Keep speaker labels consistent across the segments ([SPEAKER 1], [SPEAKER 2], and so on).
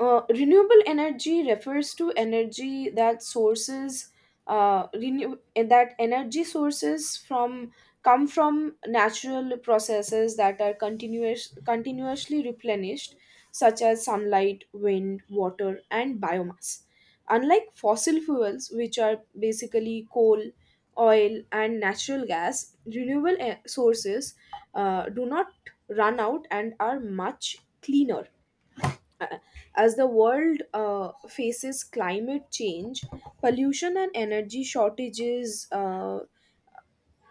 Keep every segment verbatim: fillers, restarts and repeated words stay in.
[SPEAKER 1] Uh, renewable energy refers to energy that sources, uh, renew eh, that energy sources from come from natural processes that are continuous continuously replenished, such as sunlight, wind, water, and biomass, unlike fossil fuels, which are basically coal, oil, and natural gas. Renewable e- sources uh, do not run out and are much cleaner. uh, As the world uh, faces climate change, pollution, and energy shortages, uh,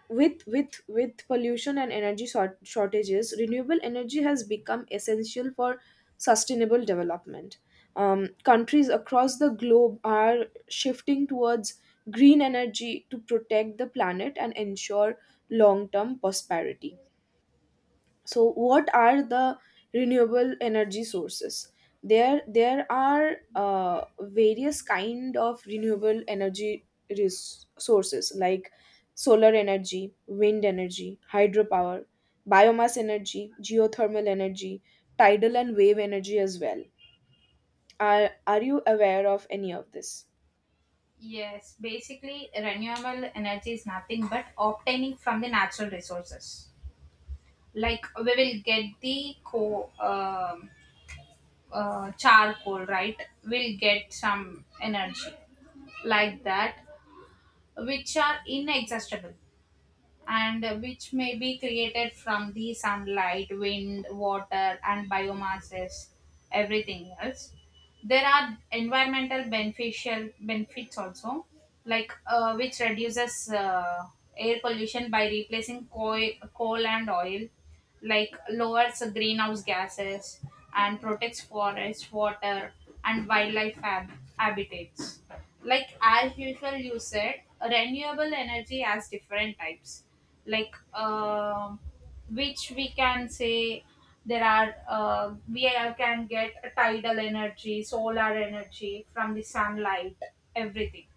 [SPEAKER 1] with with with pollution and energy short- shortages, renewable energy has become essential for sustainable development. Um, countries across the globe are shifting towards green energy to protect the planet and ensure long-term prosperity. So what are the renewable energy sources? There there are uh, various kind of renewable energy resources like solar energy, wind energy, hydropower, biomass energy, geothermal energy, tidal and wave energy as well. Are, are you aware of any of this?
[SPEAKER 2] Yes, basically, renewable energy is nothing but obtaining from the natural resources. Like we will get the co um, uh, charcoal, right? We'll get some energy like that, which are inexhaustible and which may be created from the sunlight, wind, water, and biomasses, everything else. There are environmental beneficial benefits also, like uh, which reduces uh, air pollution by replacing coal, coal and oil, like lowers greenhouse gases and protects forests, water, and wildlife hab- habitats. Like as usual you said, renewable energy has different types, like um which we can say there are uh, we are- can get tidal energy, solar energy from the sunlight, everything.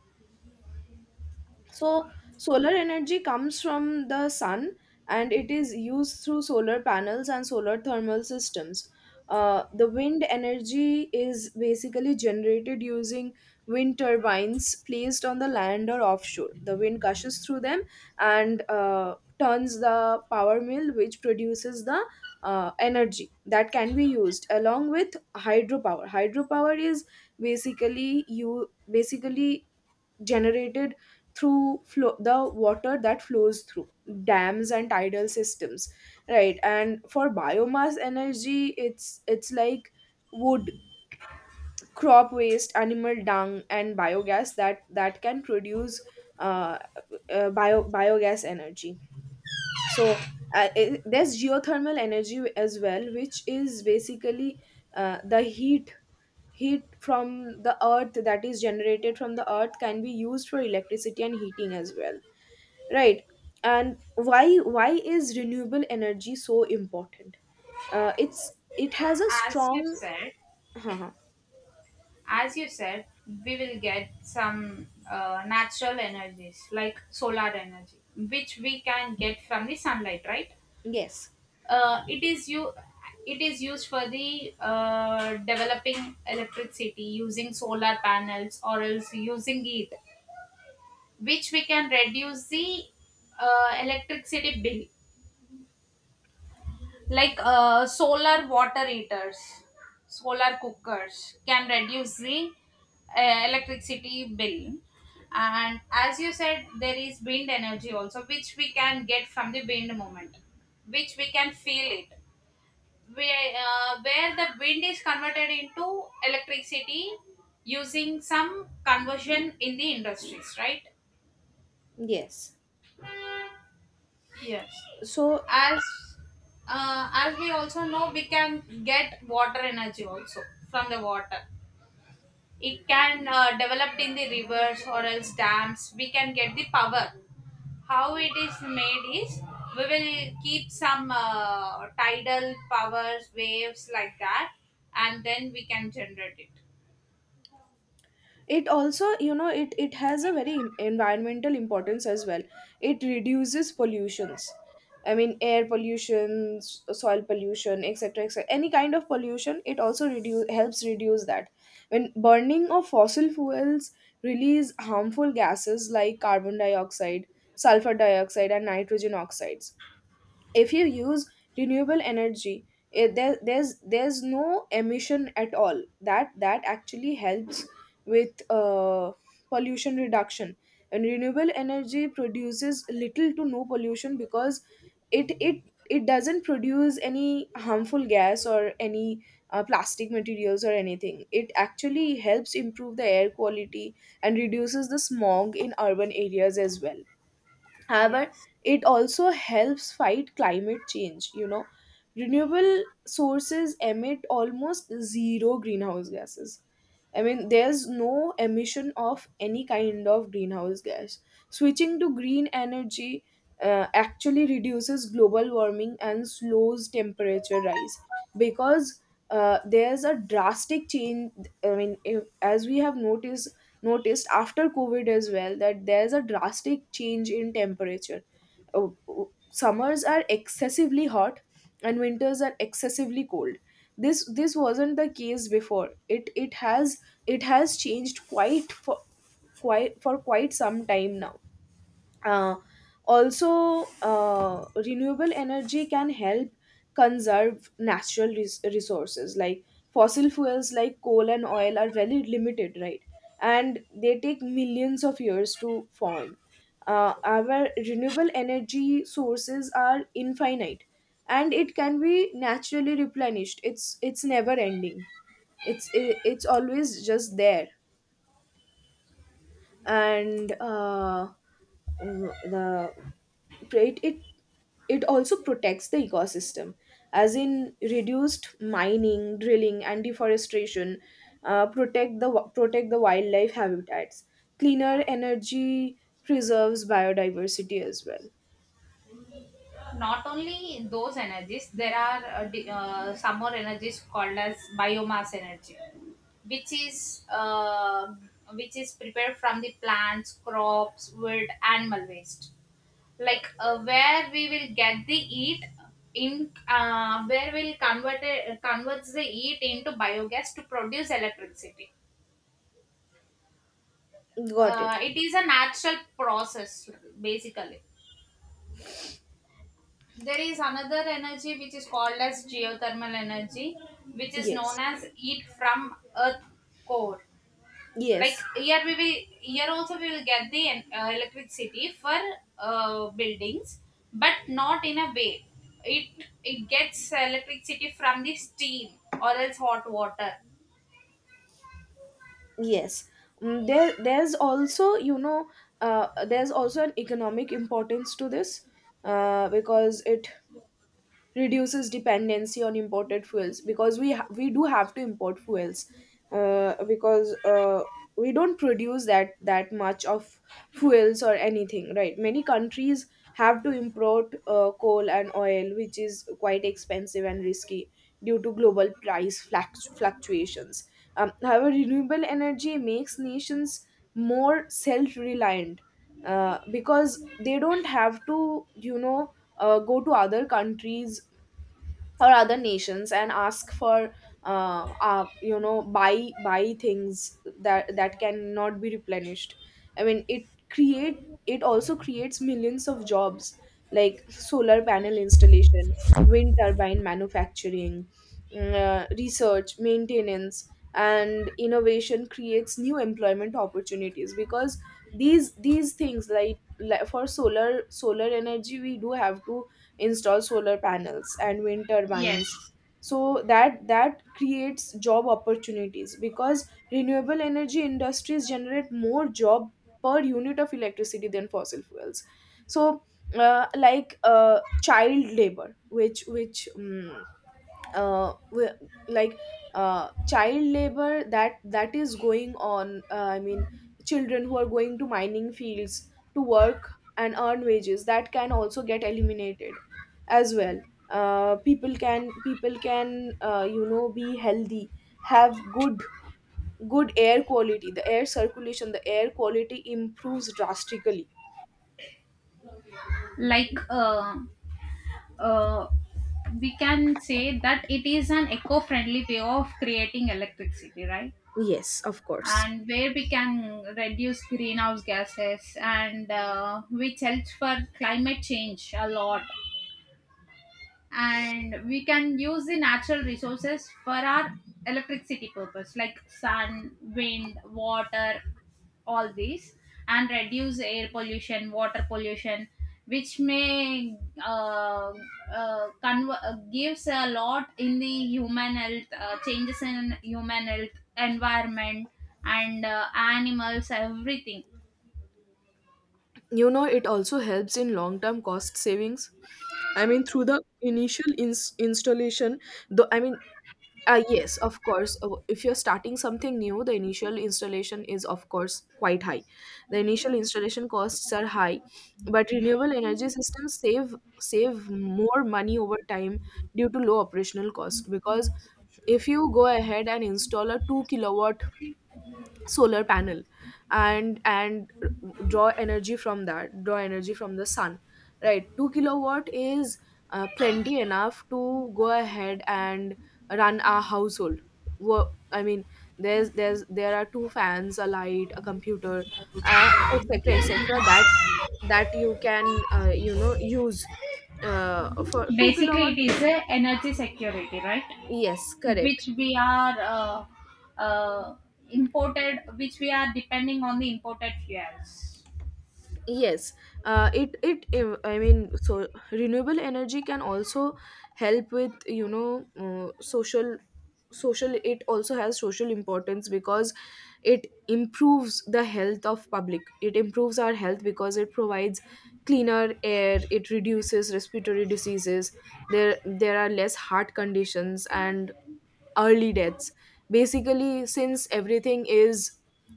[SPEAKER 1] So, solar energy comes from the sun, and it is used through solar panels and solar thermal systems. Uh, the wind energy is basically generated using wind turbines placed on the land or offshore. The wind gushes through them and uh, turns the power mill, which produces the uh, energy that can be used, along with hydropower. Hydropower is basically you basically generated through flow, the water that flows through dams and tidal systems. Right. And for biomass energy, it's it's like wood, crop waste, animal dung, and biogas that that can produce uh, uh, bio biogas energy. So uh, it, there's geothermal energy as well, which is basically uh, the heat heat from the earth that is generated from the earth can be used for electricity and heating as well. Right. And why why is renewable energy so important? Uh, it's it has a
[SPEAKER 2] as you
[SPEAKER 1] strong.
[SPEAKER 2] said
[SPEAKER 1] uh
[SPEAKER 2] as you said, we will get some uh, natural energies like solar energy, which we can get from the sunlight, right?
[SPEAKER 1] yes,
[SPEAKER 2] Uh, it is you. It is used for the uh, developing electricity using solar panels or else using heat, which we can reduce the uh, electricity bill, like uh, solar water heaters, solar cookers can reduce the uh, electricity bill. And as you said, there is wind energy also, which we can get from the wind movement, which we can feel it. We uh, Where the wind is converted into electricity using some conversion in the industries, right?
[SPEAKER 1] yes.
[SPEAKER 2] Yes.
[SPEAKER 1] So
[SPEAKER 2] As uh, as we also know, we can get water energy also from the water. It can uh, developed in the rivers or else dams. We can get the power. How it is made is we will keep some uh, tidal powers, waves like that, and then we can generate it.
[SPEAKER 1] it also, you know it it has a very im- environmental importance as well. It reduces pollutions. I mean, air pollution, s- soil pollution, etc., etc., any kind of pollution it also reduce helps reduce that. When burning of fossil fuels release harmful gases like carbon dioxide, sulfur dioxide, and nitrogen oxides. If you use renewable energy, it, there, there's there's no emission at all that that actually helps with uh, pollution reduction. And renewable energy produces little to no pollution because it it it doesn't produce any harmful gas or any uh, plastic materials or anything. It actually helps improve the air quality and reduces the smog in urban areas as well. However,
[SPEAKER 2] Yes.
[SPEAKER 1] it also helps fight climate change. You know, renewable sources emit almost zero greenhouse gases. I mean, there's no emission of any kind of greenhouse gas. Switching to green energy uh, actually reduces global warming and slows temperature rise, because uh, there's a drastic change. I mean, if, as we have noticed, noticed after COVID as well, that there's a drastic change in temperature. Uh, Summers are excessively hot and winters are excessively cold. This this wasn't the case before. It it has it has changed quite for quite for quite some time now. uh, Also, uh, renewable energy can help conserve natural res- resources. Like fossil fuels like coal and oil are very limited, right? And they take millions of years to form. Uh, our renewable energy sources are infinite, and it can be naturally replenished. It's it's never ending. It's it, it's always just there. And uh, mm, the it, it it also protects the ecosystem, as in reduced mining, drilling, and deforestation. Uh, protect the protect the wildlife habitats. Cleaner energy preserves biodiversity as well.
[SPEAKER 2] Not only those energies, there are uh, di- uh, some more energies called as biomass energy, which is uh, which is prepared from the plants, crops, wood, animal waste, like uh, where we will get the heat, in uh, where we'll convert it, converts the heat into biogas to produce electricity.
[SPEAKER 1] Got
[SPEAKER 2] Uh,
[SPEAKER 1] it.
[SPEAKER 2] it is a natural process basically. There is another energy which is called as geothermal energy, which is known
[SPEAKER 1] Yes,
[SPEAKER 2] as heat from earth core. Like
[SPEAKER 1] yes,
[SPEAKER 2] here we will, here also we will get the en- uh, electricity for uh, buildings, but not in a way. It it gets electricity from the steam or else hot water.
[SPEAKER 1] yes. Mm, there there's also you know uh, there's also an economic importance to this, uh, because it reduces dependency on imported fuels, because we ha- we do have to import fuels, uh, because uh, we don't produce that that much of fuels or anything, right? Many countries have to import uh, coal and oil, which is quite expensive and risky due to global price fluct- fluctuations. Um, however, renewable energy makes nations more self-reliant, uh, because they don't have to, you know uh, go to other countries or other nations and ask for uh, uh you know buy buy things that that cannot be replenished. I mean, it create it also creates millions of jobs, like solar panel installation, wind turbine manufacturing, mm, uh, research, maintenance, and innovation creates new employment opportunities, because these these things, like, like for solar solar energy we do have to install solar panels and wind
[SPEAKER 2] Yes,
[SPEAKER 1] turbines. So that that creates job opportunities because renewable energy industries generate more job per unit of electricity than fossil fuels. So uh, like uh, child labor which which um, uh, wi- like uh, child labor that that is going on. uh, I mean, children who are going to mining fields to work and earn wages, that can also get eliminated as well. uh, people can people can uh, you know be healthy, have good good air quality. The air circulation, the air quality improves drastically.
[SPEAKER 2] like uh, uh, we can say that it is an eco friendly way of creating electricity, right?
[SPEAKER 1] Yes, of course.
[SPEAKER 2] And where we can reduce greenhouse gases and uh, which helps for climate change a lot, and we can use the natural resources for our electricity purpose, like sun, wind, water, all these, and reduce air pollution, water pollution, which may uh, uh, conver- uh, gives a lot in the human health, uh, changes in human health, environment, and uh, animals, everything.
[SPEAKER 1] You know, it also helps in long term cost savings. I mean, through the initial ins- installation. Though, I mean, uh, yes, of course, uh, if you're starting something new, the initial installation is, of course, quite high. The initial installation costs are high, but renewable energy systems save save more money over time due to low operational cost. Because if you go ahead and install a two kilowatt solar panel, and and draw energy from that draw energy from the sun, right? two kilowatt is uh, plenty enough to go ahead and run a household. Wo- I mean, there's there's there are two fans, a light, a computer, uh, etc., etc., that that you can, uh, you know use, uh, for two
[SPEAKER 2] Basically
[SPEAKER 1] kilowatt.
[SPEAKER 2] it is a energy security, right?
[SPEAKER 1] Yes, correct.
[SPEAKER 2] Which we are uh, uh, imported, which we are depending on the imported fuels.
[SPEAKER 1] Yes, uh, it it uh, I mean, so renewable energy can also help with, you know uh, social social it also has social importance, because it improves the health of public. It improves our health because it provides cleaner air. It reduces respiratory diseases. There there are less heart conditions and early deaths. Basically, since everything is,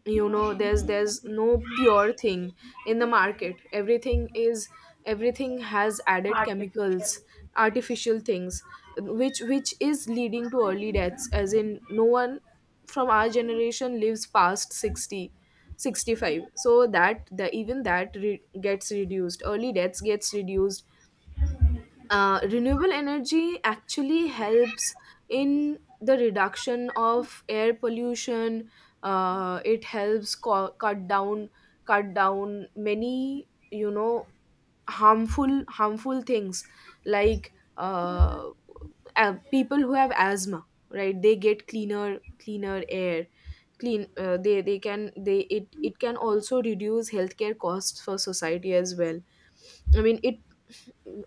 [SPEAKER 1] you know, there's there's no pure thing in the market. Everything is everything has added
[SPEAKER 2] Artificial.
[SPEAKER 1] chemicals, artificial things, which which is leading to early deaths, as in no one from our generation lives past sixty, sixty five. So that, the even that re- gets reduced, early deaths gets reduced. Uh, renewable energy actually helps in the reduction of air pollution. Uh, it helps co- cut down cut down many, you know, harmful harmful things, like uh, uh, people who have asthma, right? They get cleaner cleaner air. Clean uh, they they can they it it can also reduce healthcare costs for society as well. I mean, it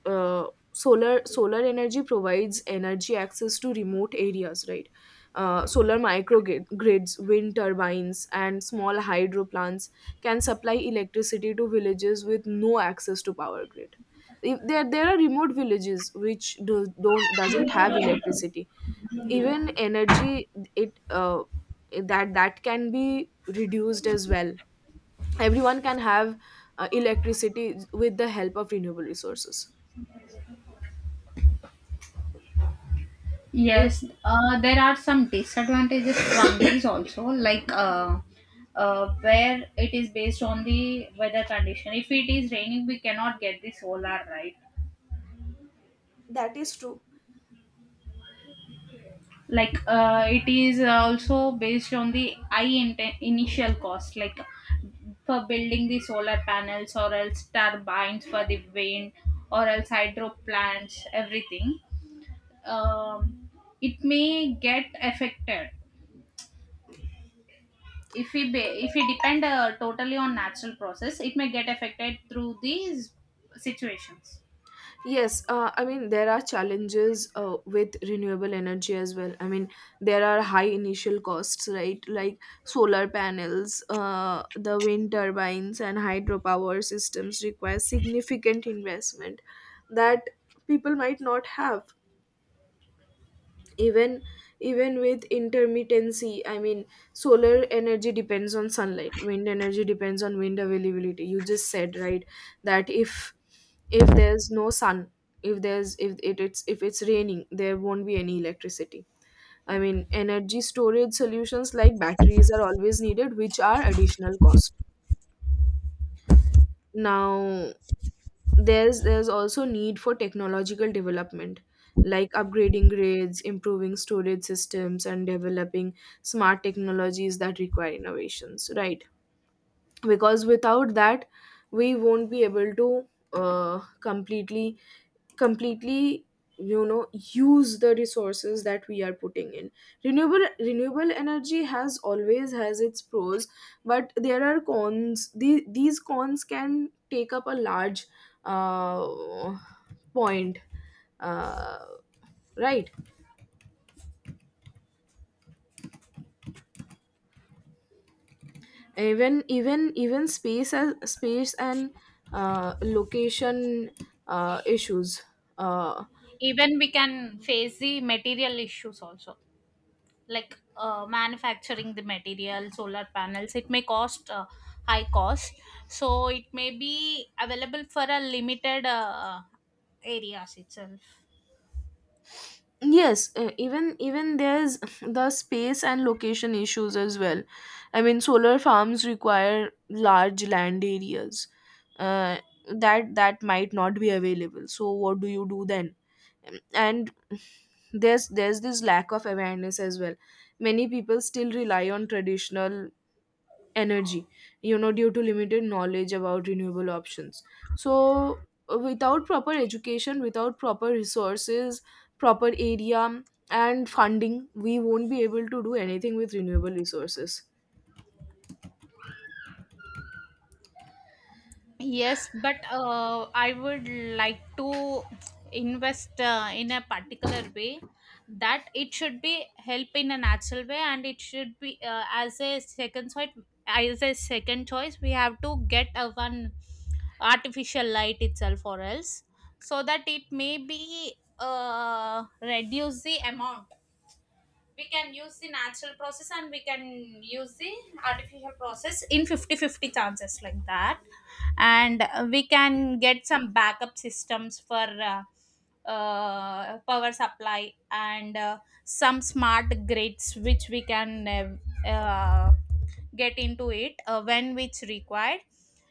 [SPEAKER 1] uh, solar solar energy provides energy access to remote areas, right? Uh, solar microgrids, wind turbines, and small hydro plants can supply electricity to villages with no access to power grid. If there, there are remote villages which do, don't doesn't have electricity, even energy, it uh, that that can be reduced as well. Everyone can have uh, electricity with the help of renewable resources.
[SPEAKER 2] Yes, uh, there are some disadvantages from these also, like uh, uh, where it is based on the weather condition. If it is raining, we cannot get the solar, right?
[SPEAKER 1] That is true.
[SPEAKER 2] Like uh, it is uh, also based on the i inte- initial cost, like for building the solar panels or else turbines for the wind or else hydro plants, everything. um, it may get affected if we ba- if we depend uh, totally on natural process. It may get affected through these situations.
[SPEAKER 1] Yes, uh, I mean, there are challenges uh, with renewable energy as well. I mean, there are high initial costs, right? Like solar panels, uh, the wind turbines, and hydropower systems require significant investment that people might not have. even even with intermittency. I mean, solar energy depends on sunlight, wind energy depends on wind availability, you just said, right? That if if there's no sun, if there's if it, it's if it's raining, there won't be any electricity. I mean, energy storage solutions like batteries are always needed, which are additional cost. Now, there's there's also need for technological development, like upgrading grades, improving storage systems, and developing smart technologies that require innovations, right? Because without that, we won't be able to uh, completely completely, you know, use the resources that we are putting in. Renewable renewable energy has always has its pros, but there are cons. The, these cons can take up a large uh, point. uh, right. Even even even space, as space and uh, location uh, issues. uh,
[SPEAKER 2] Even we can face the material issues also, like uh, manufacturing the material solar panels, it may cost uh, high cost, so it may be available for a limited uh, areas itself.
[SPEAKER 1] yes. Uh, even even there's the space and location issues as well. I mean, solar farms require large land areas, uh, that that might not be available. So what do you do then? Um, and there's there's this lack of awareness as well. Many people still rely on traditional energy, you know, due to limited knowledge about renewable options. So uh, without proper education, without proper resources, proper area, and funding, we won't be able to do anything with renewable resources.
[SPEAKER 2] Yes, but uh, I would like to invest uh, in a particular way, that it should be help in a natural way and it should be uh, as a second choice as a second choice, we have to get a one artificial light itself, or else, so that it may be uh, reduce the amount. We can use the natural process and we can use the artificial process in fifty-fifty chances, like that. And uh, we can get some backup systems for uh, uh, power supply, and uh, some smart grids, which we can uh, uh, get into it uh, when which required.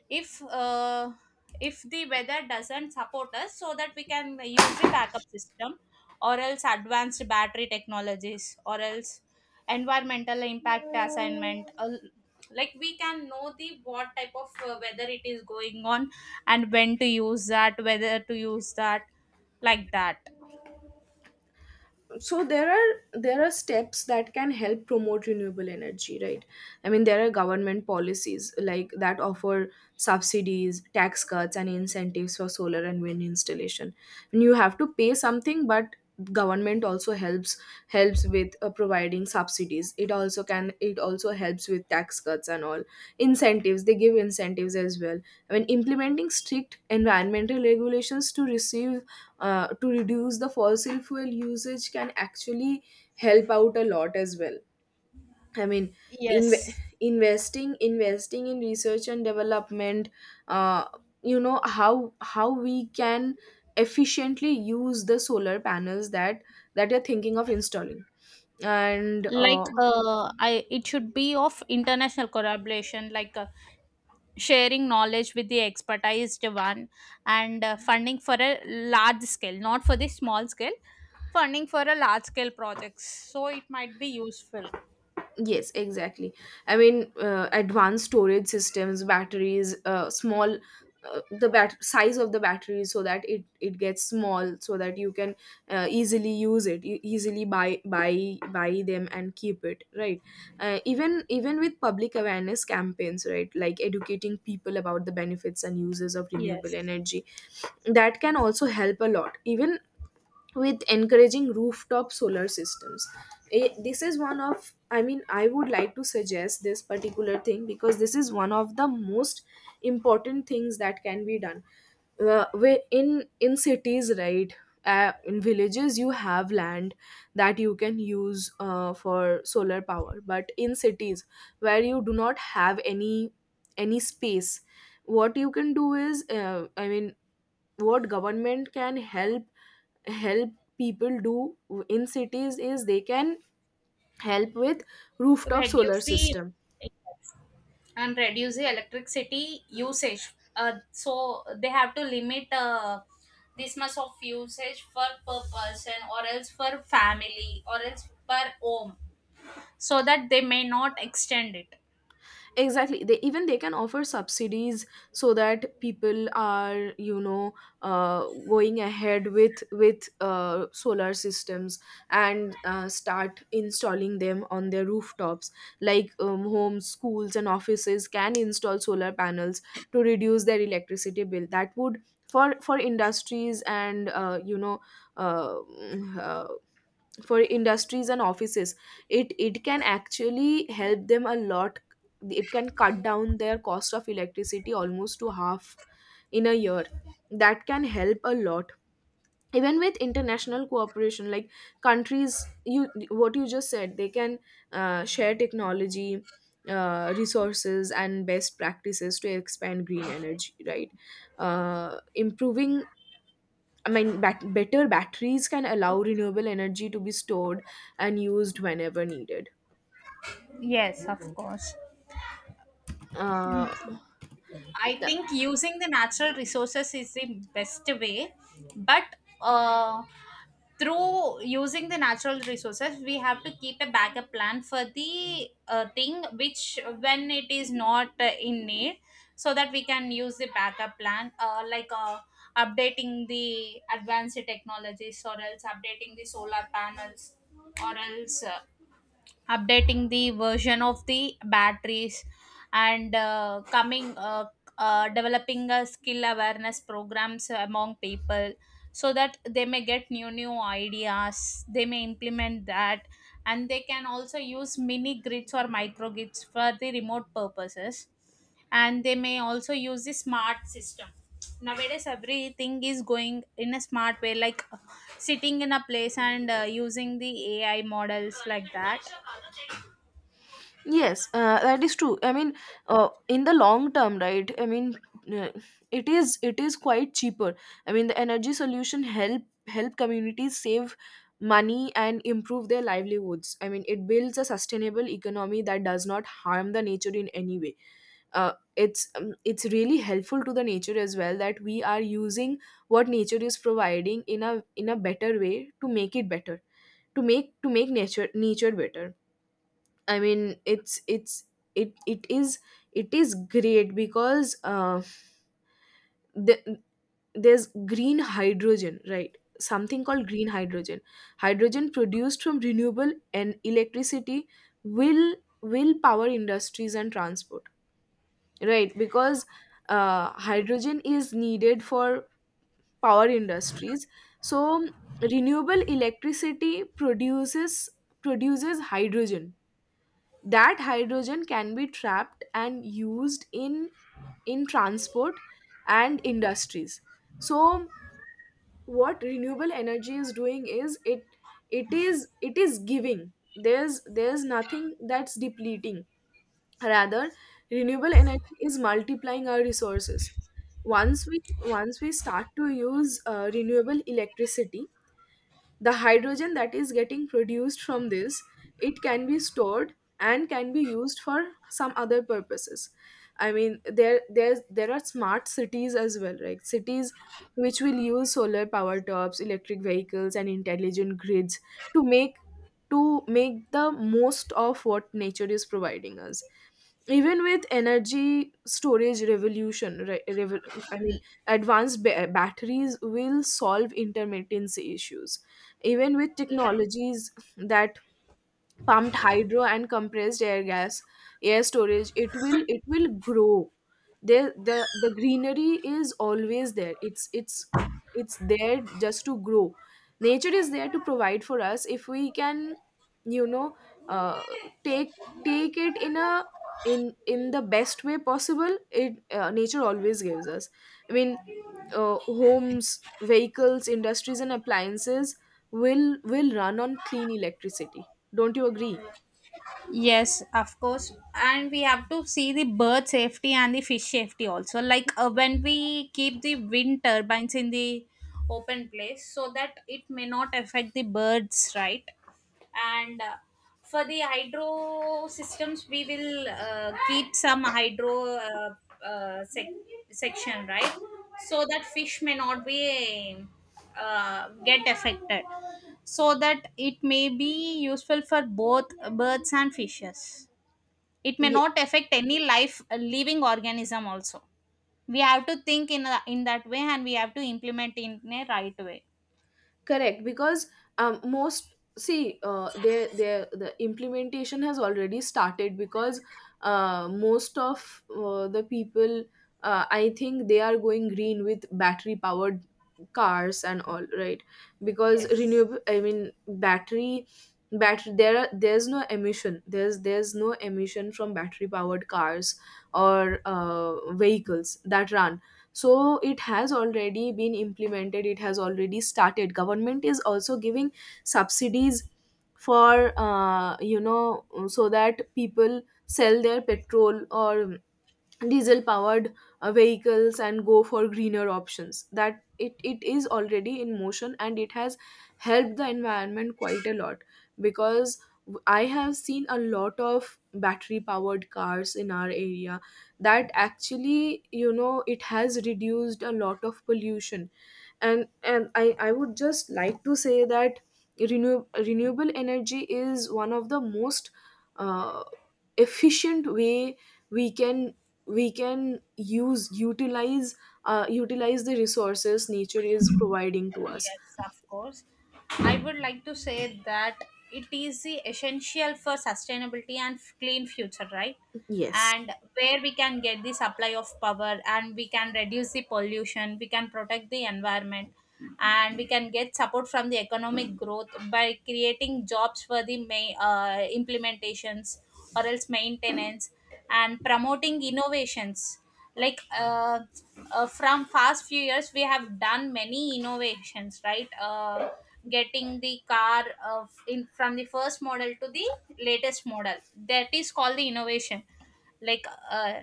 [SPEAKER 2] If uh, if the weather doesn't support us, so that we can use a backup system or else advanced battery technologies, or else environmental impact assignment, uh, like we can know the what type of uh, weather it is going on, and when to use that, whether to use that, like that.
[SPEAKER 1] So there are there are steps that can help promote renewable energy, right? I mean, there are government policies like that offer subsidies, tax cuts, and incentives for solar and wind installation. And you have to pay something, but government also helps helps with, uh, providing subsidies. It also can it also helps with tax cuts and all. Incentives, they give incentives as well. I mean, implementing strict environmental regulations to receive uh, to reduce the fossil fuel usage can actually help out a lot as well. I mean, inve
[SPEAKER 2] Yes.
[SPEAKER 1] investing investing in research and development, uh, you know, how how we can efficiently use the solar panels that that you're thinking of installing. And
[SPEAKER 2] Like
[SPEAKER 1] uh,
[SPEAKER 2] uh, I, it should be of international collaboration, like uh, sharing knowledge with the expertised one, and uh, funding for a large scale, not for the small scale, funding for a large scale projects. So it might be useful.
[SPEAKER 1] Yes, exactly. I mean, uh, advanced storage systems, batteries, uh, small, uh, the bat- size of the battery so that it it gets small, so that you can uh, easily use it, e- easily buy buy buy them and keep it, right? Uh, even even with public awareness campaigns, right, like educating people about the benefits and uses of
[SPEAKER 2] Yes.
[SPEAKER 1] renewable energy, that can also help a lot. Even with encouraging rooftop solar systems. Eh, this is one of i mean I would like to suggest this particular thing because this is one of the most important things that can be done, uh, where in in cities, right? Uh, in villages you have land that you can use uh, for solar power, but in cities where you do not have any any space, what you can do is, uh, I mean, what government can help help people do in cities is they can help with rooftop solar
[SPEAKER 2] reduce
[SPEAKER 1] system.
[SPEAKER 2] the And reduce the electricity usage. Uh, so they have to limit uh, this much of usage for per person or else for family or else per home, so that they may not extend it.
[SPEAKER 1] Exactly, they, even they can offer subsidies so that people are, you know, uh, going ahead with with uh, solar systems and uh, start installing them on their rooftops, like um, homes, schools and offices can install solar panels to reduce their electricity bill. That would, for for industries and uh, you know, uh, mm, uh, for industries and offices, it it can actually help them a lot. It can cut down their cost of electricity almost to half in a year. That can help a lot. Even with international cooperation, like countries, you, what you just said, they can uh, share technology, uh, resources and best practices to expand green energy, right? uh, Improving, I mean, bat- better batteries can allow renewable energy to be stored and used whenever needed.
[SPEAKER 2] Yes, of course.
[SPEAKER 1] Uh,
[SPEAKER 2] I
[SPEAKER 1] th-
[SPEAKER 2] think using the natural resources is the best way, but uh, through using the natural resources, we have to keep a backup plan for the uh, thing which, when it is not uh, in need, so that we can use the backup plan, uh, like uh, updating the advanced technologies, or else updating the solar panels, or else uh, updating the version of the batteries, and uh, coming uh, uh, developing a skill awareness programs among people, so that they may get new new ideas, they may implement that. And they can also use mini grids or micro grids for the remote purposes, and they may also use the smart system. Nowadays everything is going in a smart way, like uh, sitting in a place and uh, using the AI models, like that.
[SPEAKER 1] yes, uh, that is true. I mean, uh, in the long term, right? I mean, uh, it is it is quite cheaper. I mean, the energy solution help help communities save money and improve their livelihoods. I mean, it builds a sustainable economy that does not harm the nature in any way. uh, it's um, it's really helpful to the nature as well, that we are using what nature is providing in a in a better way to make it better, to make to make nature nature better. I mean it's it's it it is it is great because, uh, the, there's green hydrogen, right? Something called green hydrogen, hydrogen produced from renewable and electricity will will power industries and transport, right? Because uh, hydrogen is needed for power industries, so renewable electricity produces produces hydrogen. That hydrogen can be trapped and used in in transport and industries. So what renewable energy is doing is it it is it is giving, there's there's nothing that's depleting. Rather, renewable energy is multiplying our resources. Once we once we start to use uh, renewable electricity, the hydrogen that is getting produced from this, it can be stored and can be used for some other purposes. I mean, there there's there are smart cities as well, right? Cities which will use solar power tops, electric vehicles and intelligent grids to make, to make the most of what nature is providing us. Even with energy storage revolution, re- revo- I mean, advanced ba- batteries will solve intermittency issues. Even with technologies that pumped hydro and compressed air gas, air storage, it will it will grow. The the the greenery is always there. It's it's it's there just to grow. Nature is there to provide for us if we can, you know, uh, take take it in a in in the best way possible. It, uh, nature always gives us. I mean, uh, homes, vehicles, industries, and appliances will will run on clean electricity, don't you agree?
[SPEAKER 2] Yes, of course. And we have to see the bird safety and the fish safety also. Like uh, when we keep the wind turbines in the open place, so that it may not affect the birds, right? And uh, for the hydro systems, we will uh, keep some hydro uh, uh, sec- section, right? So that fish may not be uh, get affected, so that it may be useful for both birds and fishes. It may
[SPEAKER 1] Yeah,
[SPEAKER 2] not affect any life uh, living organism also. We have to think in a, in that way, and we have to implement in a right way.
[SPEAKER 1] correct, because um, most see, uh, they they the implementation has already started, because uh, most of uh, the people, uh, I think they are going green with battery powered cars and all, right? Because
[SPEAKER 2] Yes.
[SPEAKER 1] renewable, I mean, battery battery there are, there's no emission, there's there's no emission from battery powered cars or uh, vehicles that run. So it has already been implemented, it has already started. Government is also giving subsidies for, uh, you know, so that people sell their petrol or diesel powered uh, vehicles and go for greener options. That it, it is already in motion and it has helped the environment quite a lot, because w- I have seen a lot of battery powered cars in our area that actually, you know, it has reduced a lot of pollution. And and i i would just like to say that renew, renewable energy is one of the most uh, efficient way we can, we can use utilize uh, utilize the resources nature is providing to us.
[SPEAKER 2] Yes, of course. I would like to say that it is the essential for sustainability and f- clean future, right?
[SPEAKER 1] Yes.
[SPEAKER 2] And where we can get the supply of power, and we can reduce the pollution, we can protect the environment, and we can get support from the economic growth by creating jobs for the ma- uh, implementations or else maintenance, and promoting innovations. Like uh, uh, from past few years we have done many innovations, right? Uh, getting the car of in from the first model to the latest model, that is called the innovation. Like uh,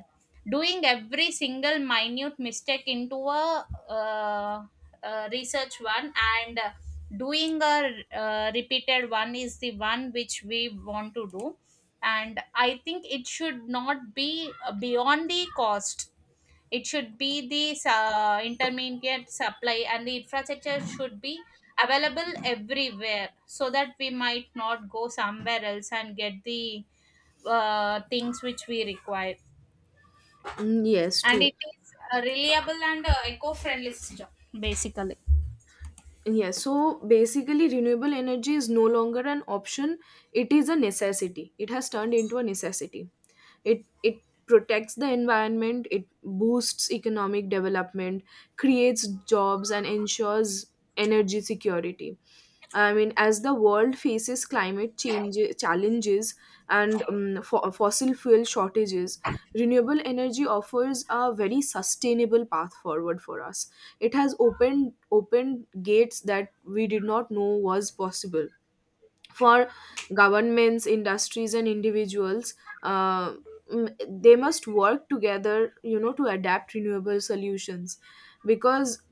[SPEAKER 2] doing every single minute mistake into a uh, uh, research one, and uh, doing a uh, repeated one is the one which we want to do. And I think it should not be uh, beyond the cost. It should be the su- intermediate supply, and the infrastructure should be available everywhere, so that we might not go somewhere else and get the uh, things which we require.
[SPEAKER 1] Mm, yes,
[SPEAKER 2] And
[SPEAKER 1] true.
[SPEAKER 2] it is a reliable and uh, eco-friendly system, basically.
[SPEAKER 1] Yes, so basically renewable energy is no longer an option, it is a necessity, it has turned into a necessity. It it protects the environment, it boosts economic development, creates jobs and ensures energy security. I mean, as the world faces climate change challenges and um, fo- fossil fuel shortages, renewable energy offers a very sustainable path forward for us. It has opened opened gates that we did not know was possible for governments, industries and individuals. uh, mm, they must work together, you know, to adapt renewable solutions. Because,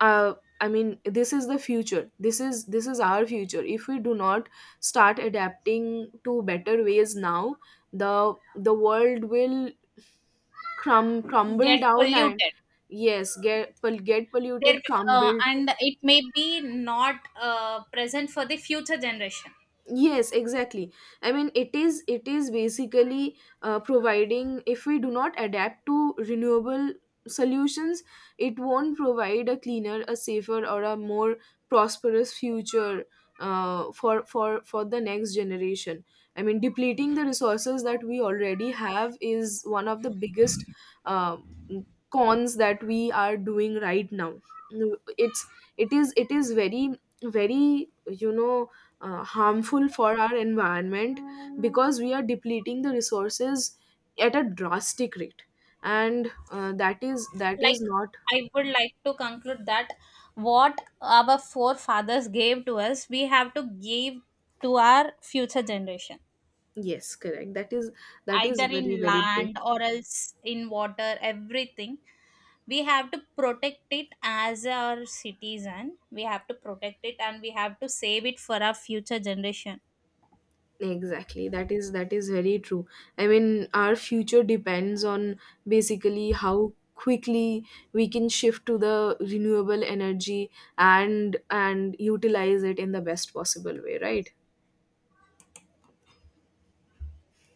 [SPEAKER 1] uh, I mean, this is the future, this is this is our future. If we do not start adapting to better ways now, the the world will crum- crumble
[SPEAKER 2] Get
[SPEAKER 1] down and
[SPEAKER 2] polluted.
[SPEAKER 1] yes, get pol- get
[SPEAKER 2] There,
[SPEAKER 1] polluted,
[SPEAKER 2] uh,
[SPEAKER 1] crumble.
[SPEAKER 2] and it may be not uh, present for the future generation.
[SPEAKER 1] Yes, exactly. I mean, it is, it is basically, uh, providing, if we do not adapt to renewable solutions, it won't provide a cleaner, a safer or a more prosperous future, uh, for for for the next generation. I mean, depleting the resources that we already have is one of the biggest uh, cons that we are doing right now. It's, it is it is very very, you know, uh, harmful for our environment, because we are depleting the resources at a drastic rate. And uh, that is, that is
[SPEAKER 2] Like
[SPEAKER 1] not.
[SPEAKER 2] I would like to conclude that what our forefathers gave to us, we have to give to our future generation,
[SPEAKER 1] Yes, correct, that is, that
[SPEAKER 2] either
[SPEAKER 1] is very
[SPEAKER 2] in
[SPEAKER 1] very true.
[SPEAKER 2] land or else in water, everything. We have to protect it as our citizen, we have to protect it, and we have to save it for our future generation.
[SPEAKER 1] Exactly, that is, that is very true. I mean, our future depends on, basically, how quickly we can shift to the renewable energy and and utilize it in the best possible way, right?